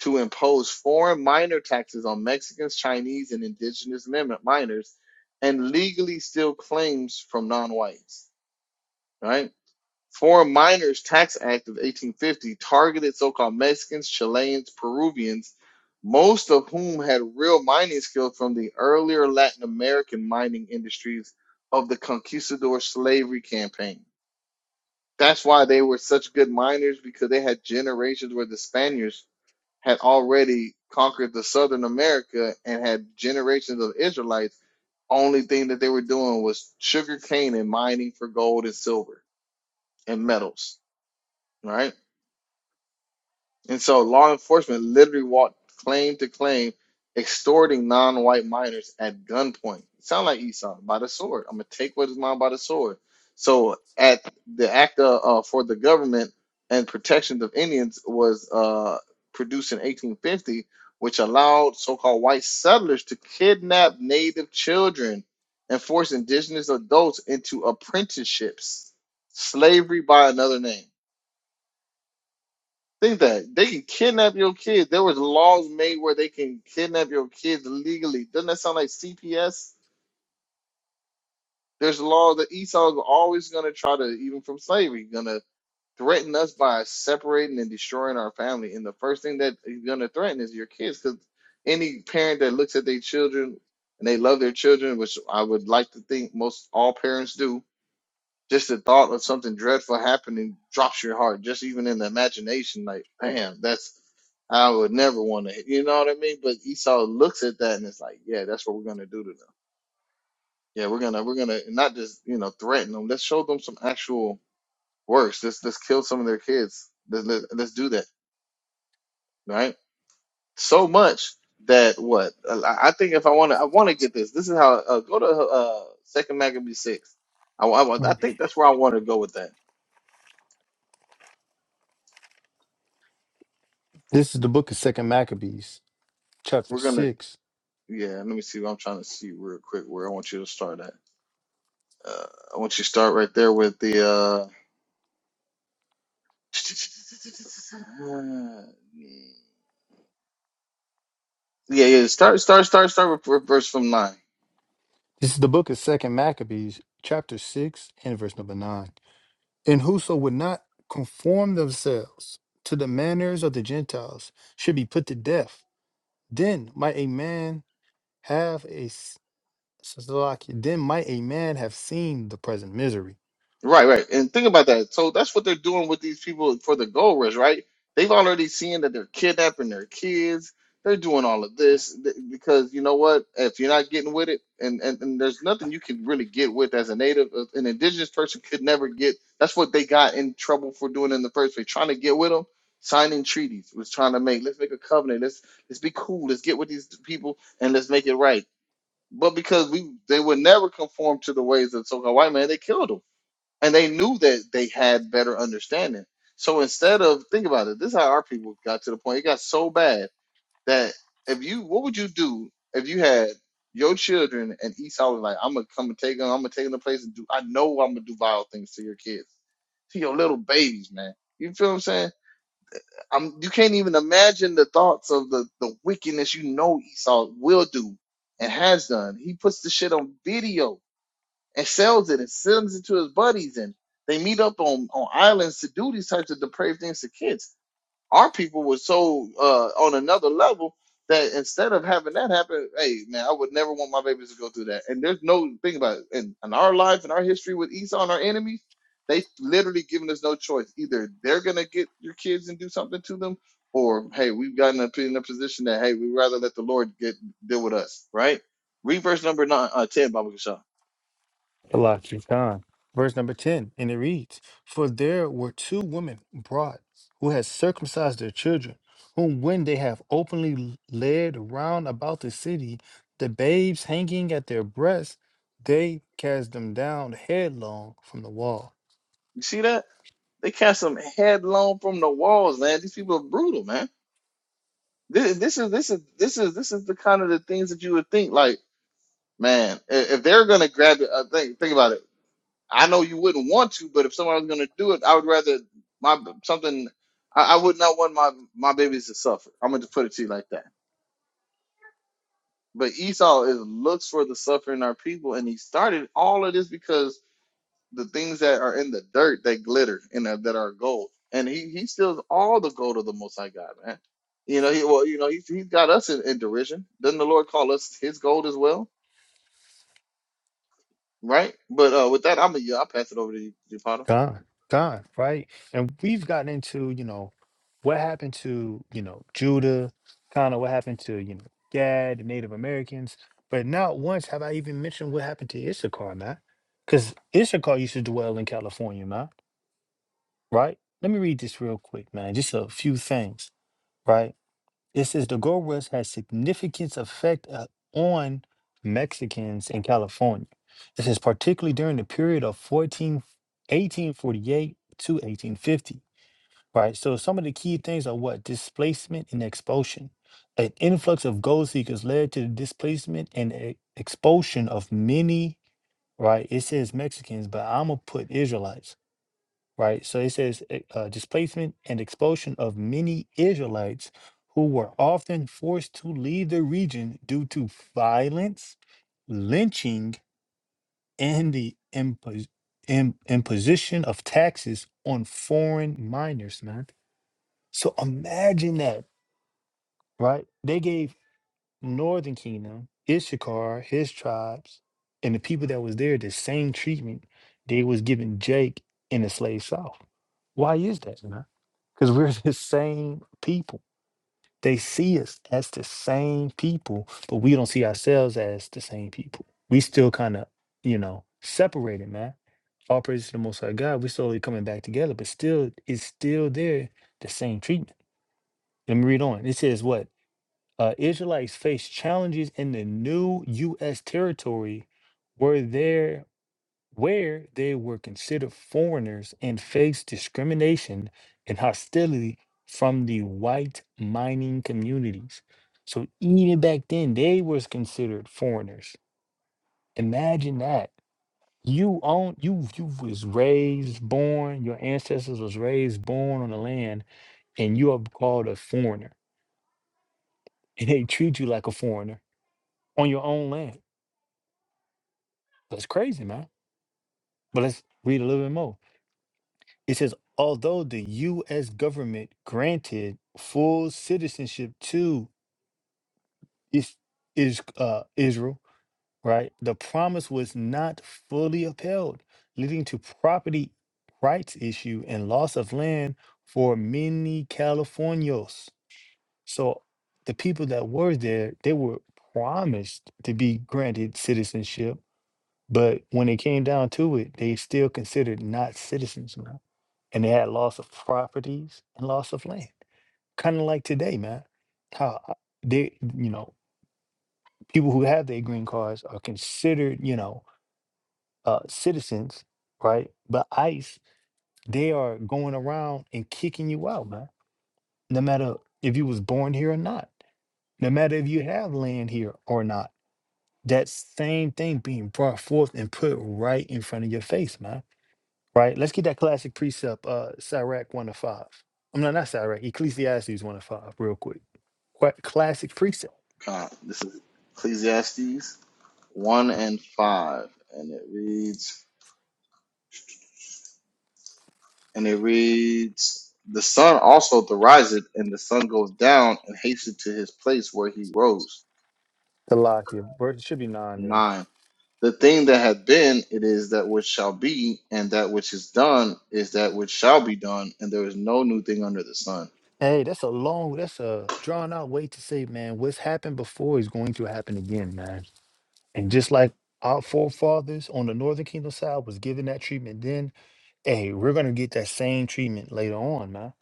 to impose foreign miner taxes on Mexicans, Chinese, and indigenous min- miners, and legally steal claims from non whites, right? Foreign Miners Tax Act of 1850 targeted so-called Mexicans, Chileans, Peruvians, most of whom had real mining skills from the earlier Latin American mining industries of the conquistador slavery campaign. That's why they were such good miners because they had generations where the Spaniards had already conquered the Southern America and had generations of Israelites. Only thing that they were doing was sugar cane and mining for gold and silver and metals, right? And so law enforcement literally walked claim to claim, extorting non-white minors at gunpoint. Sound like Esau by the sword. I'm gonna take what is mine by the sword. So at the act uh, uh, for the government and protections of Indians was uh, produced in 1850, which allowed so-called white settlers to kidnap Native children and force indigenous adults into apprenticeships, slavery by another name. Think that they can kidnap your kids. There was laws made where they can kidnap your kids legally. Doesn't that sound like CPS? There's laws that Esau's always gonna try to, even from slavery, gonna threaten us by separating and destroying our family. And the first thing that he's gonna threaten is your kids, because any parent that looks at their children and they love their children, which I would like to think most all parents do, just the thought of something dreadful happening drops your heart, just even in the imagination, like, damn, that's, I would never want to, you know what I mean? But Esau looks at that and it's like, yeah, that's what we're going to do to them. Yeah, we're going to, we're going to not just, you know, threaten them. Let's show them some actual works. Let's, let's kill some of their kids. Let's, let, let's do that, right? So much that what I I think if I want to, I want to get this. This is how uh, go to uh Second Maccabee six. I, I I Mm. think that's where I want to go with that. This is the book of Second Maccabees, chapter We're gonna six. Yeah, let me see what I'm trying to see real quick where I want you to start at. Uh, I want you to start right there with the uh yeah, yeah, start start start start with verse from nine. This is the book of Second Maccabees, chapter six, and verse number nine. And whoso would not conform themselves to the manners of the Gentiles should be put to death. Then might a man have a s- Salaki, then might a man have seen the present misery Right, right. And think about that. So that's what they're doing with these people for the gold rush, right? They've already seen that they're kidnapping their kids. They're doing all of this th- because you know what? If you're not getting with it, and, and, and there's nothing you can really get with as a native, uh, an indigenous person could never get. That's what they got in trouble for doing in the first place. Trying to get with them, signing treaties, was trying to make. Let's make a covenant. Let's let's be cool. Let's get with these people and let's make it right. But because we they would never conform to the ways of so-called white man, they killed them and they knew that they had better understanding. So instead of think about it, this is how our people got to the point. It got so bad that if you, what would you do if you had your children and Esau was like, "I'm gonna come and take them. I'm gonna take them to place and do. I know I'm gonna do vile things to your kids, to your little babies, man." You feel what I'm saying? I'm, you can't even imagine the thoughts of the, the wickedness you know Esau will do and has done. He puts the shit on video and sells it and sends it to his buddies and they meet up on, on islands to do these types of depraved things to kids. Our people were so uh, on another level that instead of having that happen, hey man, I would never want my babies to go through that. And there's no thing about it. In, in our life and our history with Esau and our enemies, they literally giving us no choice. Either they're gonna get your kids and do something to them, or hey, we've gotten up in a position that hey, we'd rather let the Lord get deal with us, right? Read verse number nine, uh, ten, Baba Kasha. Malachi Khan. Verse number 10, and it reads, For there were two women brought who had circumcised their children, whom when they have openly l- led round about the city, the babes hanging at their breasts, they cast them down headlong from the wall. You see that? They cast them headlong from the walls, man. These people are brutal, man. This, this is this is this is this is the kind of the things that you would think. Like, man, i- if they're gonna grab it, I think think about it. I know you wouldn't want to, but if someone was gonna do it, I would rather my something. I, I would not want my my babies to suffer. I'm gonna just put it to you like that. But Esau is looks for the suffering of our people, and he started all of this because the things that are in the dirt that glitter and that, that are gold. And he he steals all the gold of the Most High God, man. You know, he well, you know, he's he's got us in, in derision. Doesn't the Lord call us His gold as well, right? But uh, with that, I'm gonna I'll pass it over to you, Potter. gone, gone, right? And we've gotten into, you know, what happened to, you know, Judah, kind of what happened to, you know, Gad, the Native Americans. But not once have I even mentioned what happened to Issachar, man. Because Issachar used to dwell in California, man, right? Let me read this real quick, man. Just a few things, right? It says the gold rush had significant effect uh, on Mexicans in California. It says particularly during the period of 14, 1848 to 1850. Right. So some of the key things are what displacement and expulsion. An influx of gold seekers led to the displacement and e- expulsion of many. Right. It says Mexicans, but I'm gonna put Israelites right? So it says e- uh, displacement and expulsion of many Israelites who were often forced to leave the region due to violence, lynching, and the impos- im- imposition of taxes on foreign miners, man. So imagine that, right? They gave Northern Kingdom, Issachar, his tribes, and the people that was there the same treatment they was giving Jake in the slave South why is that, man? Because we're the same people. They see us as the same people, but we don't see ourselves as the same people. We still kind of, you know, separated, man. All praise to the Most High God. We're slowly coming back together, but still, it's still there, the same treatment. Let me read on. It says what? Uh, Israelites face challenges in the new U.S. territory where there where they were considered foreigners and faced discrimination and hostility from the white mining communities. So even back then, they was considered foreigners. Imagine that. You own you you was raised, born, your ancestors was raised, born on the land, and you are called a foreigner. And they treat you like a foreigner on your own land. That's crazy, man. But let's read a little bit more. It says, although the U.S. government granted full citizenship to is, is, uh, Israel, right, the promise was not fully upheld, leading to property rights issue and loss of land for many Californios. So the people that were there, they were promised to be granted citizenship, but when it came down to it, they still considered not citizens and they had loss of properties and loss of land. Kind of like today, man. How uh, they, you know, people who have their green cards are considered, you know, uh, citizens, right? But ICE, they are going around and kicking you out, man. No matter if you was born here or not, no matter if you have land here or not. That same thing being brought forth and put right in front of your face, man right? Let's get that classic precept, uh, Sirach 1 to 5. I'm not, not Sirach, Ecclesiastes 1 to 5, real quick. Qua classic precept. Uh, this is Ecclesiastes one and five, and it reads, and it reads, the sun also riseth, and the sun goes down and hasteth to his place where he rose. The lock, it Bro, it should be nine then. Nine. the thing that had been it is that which shall be and that which is done is that which shall be done and there is no new thing under the sun Hey, that's a long, that's a drawn out way to say, man, what's happened before is going to happen again, man. And just like our forefathers on the Northern Kingdom side was given that treatment then, hey, we're going to get that same treatment later on, man.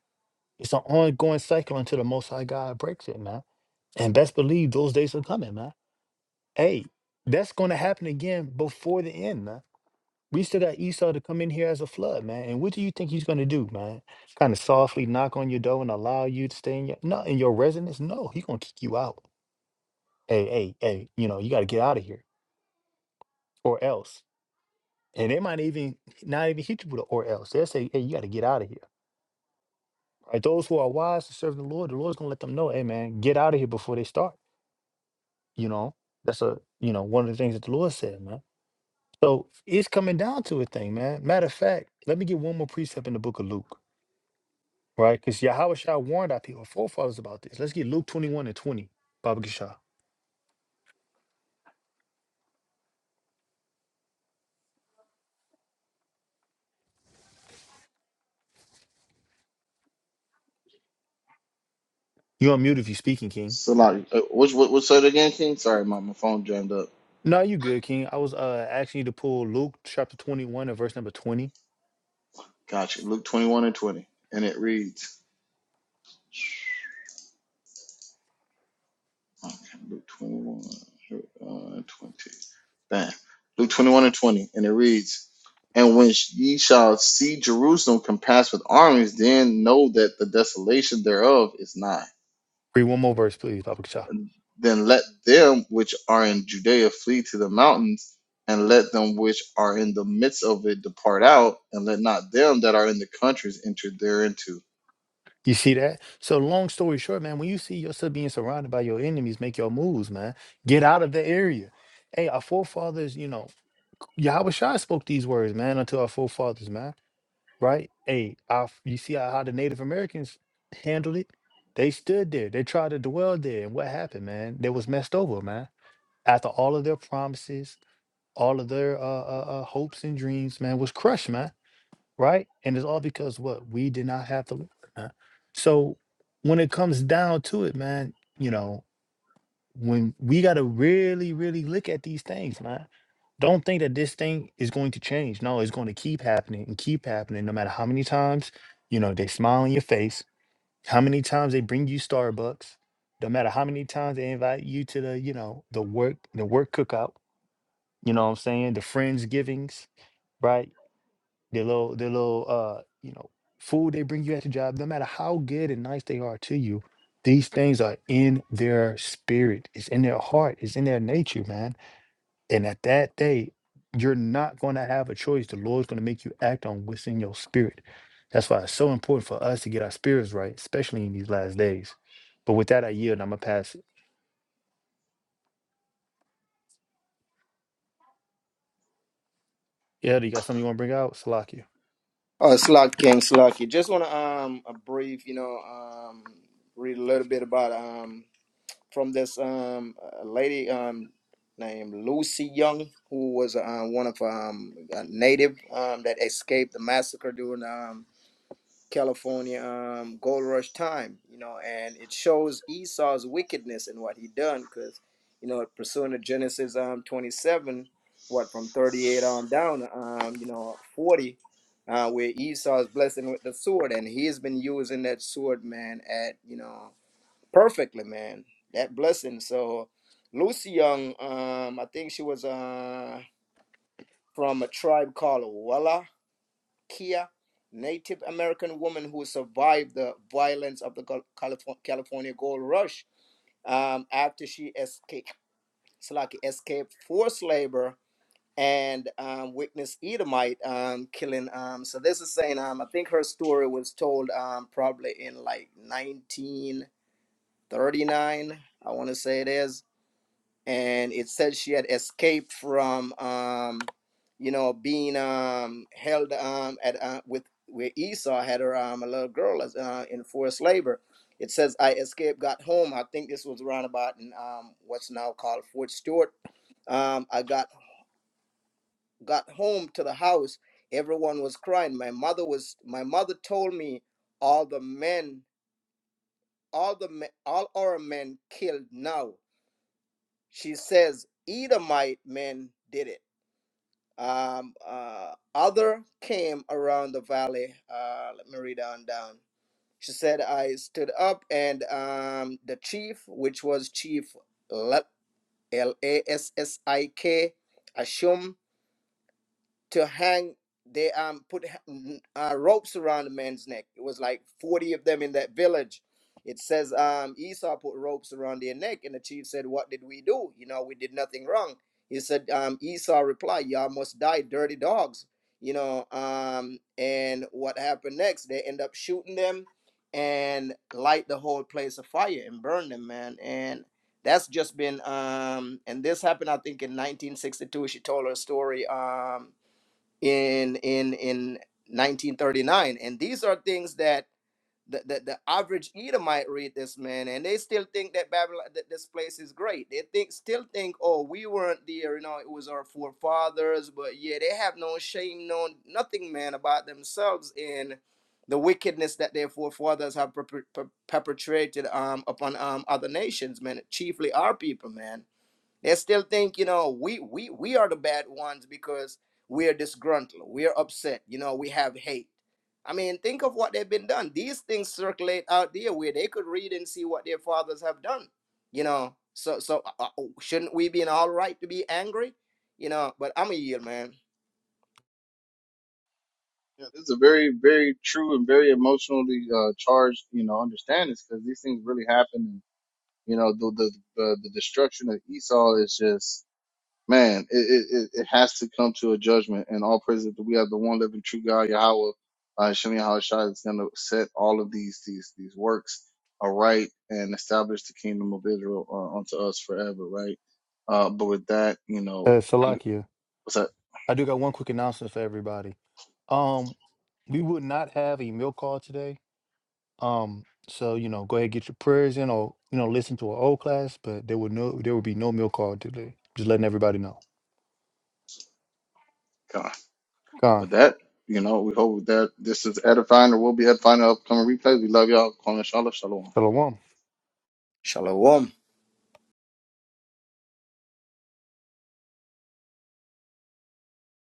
It's an ongoing cycle until the Most High God breaks it, man. And best believe those days are coming, man. Hey, that's going to happen again before the end, man. We still got Esau to come in here as a flood, man. And what do you think he's going to do, man? Kind of softly knock on your door and allow you to stay in your no in your residence? No, he's going to kick you out. Hey, hey, hey, you know, you got to get out of here or else. And they might even not even hit you with a or else. They'll say, hey, you got to get out of here. Right? Those who are wise to serve the Lord, the Lord's going to let them know, hey, man, get out of here before they start. You know, that's a, you know, one of the things that the Lord said, man. So it's coming down to a thing, man. Matter of fact, let me get one more precept in the book of Luke, right? Because Yahweh Shah warned our people, forefathers about this. Let's get Luke 21 and 20, Baba Gishah. You on mute if you speaking, King. Salaki, uh, what's what, what's that again king sorry my, my phone jammed up No, you good, King. I was uh asking you to pull Luke chapter 21 and verse number 20. gotcha luke 21 and 20 and it reads Okay, Luke 21 uh, and 20. Bam. Luke 21 and 20. And it reads, And when ye shall see Jerusalem compassed with armies, then know that the desolation thereof is nigh. Read one more verse, please, Baba Gishah. And then let them which are in Judea flee to the mountains, and let them which are in the midst of it depart out, and let not them that are in the countries enter thereinto. You see that? So long story short, man, when you see yourself being surrounded by your enemies, make your moves, man. Get out of the area. Hey, our forefathers, you know, Yahweh Shah spoke these words, man, unto our forefathers, man. right? Hey, I, f- you see how, how the Native Americans handled it? They stood there. They tried to dwell there. And what happened, man? They was messed over, man. After all of their promises, all of their uh, uh, uh, hopes and dreams, man, was crushed, man. Right? And it's all because what? We did not have the Lord, man. So when it comes down to it, man, you know, when we got to really, really look at these things, man. Don't think that this thing is going to change. No, it's going to keep happening and keep happening, no matter how many times, you know, they smile in your face, how many times they bring you Starbucks, no matter how many times they invite you to the, you know, the work, the work cookout, you know what I'm saying? The friends givings, right? their little their little uh you know food they bring you at the job no matter how good and nice they are to you these things are in their spirit it's in their heart it's in their nature man and at that day you're not going to have a choice the lord's going to make you act on what's in your spirit that's why it's so important for us to get our spirits right especially in these last days but with that i yield i'm gonna pass it yeah do you got something you want to bring out salakia oh slug king slug you just want to um a brief you know um read a little bit about um. from this um uh, lady um named Lucy Young, who was um, one of um a native um that escaped the massacre during um California um gold rush time, you know, and it shows Esau's wickedness and what he done, cause you know pursuing the Genesis um twenty seven, what from thirty eight on down um you know forty. Uh, where Esau is blessing with the sword, and he's been using that sword, man, at you know perfectly, man. That blessing. So Lucy Young, um, I think she was uh from a tribe called Wallachia, Native American woman who survived the violence of the Cal- Calif- California Gold Rush. Um, after she escaped, Slaki escaped forced labor and um, witnessed Edomite um, killing. Um, so this is saying, um, I think her story was told um, probably in like 1939. I want to say it is and it said she had escaped from um you know being um held um at uh, with where esau had her um a little girl as uh, in forced labor it says i escaped got home i think this was around about in um what's now called fort stewart um i got got home to the house everyone was crying my mother was my mother told me all the men all the men all our men killed now she says edomite men did it Um, uh, other came around the valley. Uh, let me read on down. She said, I stood up, and um, the chief, which was Chief L A S S I K, to hang they um put uh, ropes around the man's neck it was like 40 of them in that village it says um esau put ropes around their neck and the chief said what did we do you know we did nothing wrong he said um esau replied y'all must die dirty dogs you know um and what happened next they end up shooting them and light the whole place afire and burn them man and that's just been um and this happened i think in 1962 she told her story um in in in 1939 and these are things that the, the, the average Edomite read this man and they still think that Babylon that this place is great. They think still think, oh, we weren't there, you know, it was our forefathers, but yeah, they have no shame, no nothing, man, about themselves and the wickedness that their forefathers have perpe- per- perpetrated um, upon um, other nations, man, chiefly our people, man they still think, you know, we we we are the bad ones because we're disgruntled, we're upset, you know, we have hate. I mean, think of what they've been done. These things circulate out there where they could read and see what their fathers have done. You know, so so uh, uh, shouldn't we be in all right to be angry? You know, but I'm a yield, man. Yeah, this is a very, very true and very emotionally uh, charged, you know, understanding because these things really happen You know, the the the, the destruction of Esau is just man. It, it it it has to come to a judgment, and all praises that we have the one living true God, Yahweh, uh, Shemi Hashai, is going to set all of these these these works aright and establish the kingdom of Israel uh, unto us forever, right? Uh, but with that, you uh know, we- salakia what's that? i do got one quick announcement for everybody Um, we would not have a milk call today. Um, so you know, go ahead get your prayers in, or you know, listen to an old class. But there would no, there would be no milk call today. Just letting everybody know. God, Gone. with that. You know, we hope that this is edifying or will be edifying in the upcoming replays. We love y'all. Calling Shalom. Shalom. Shalom. Shalom.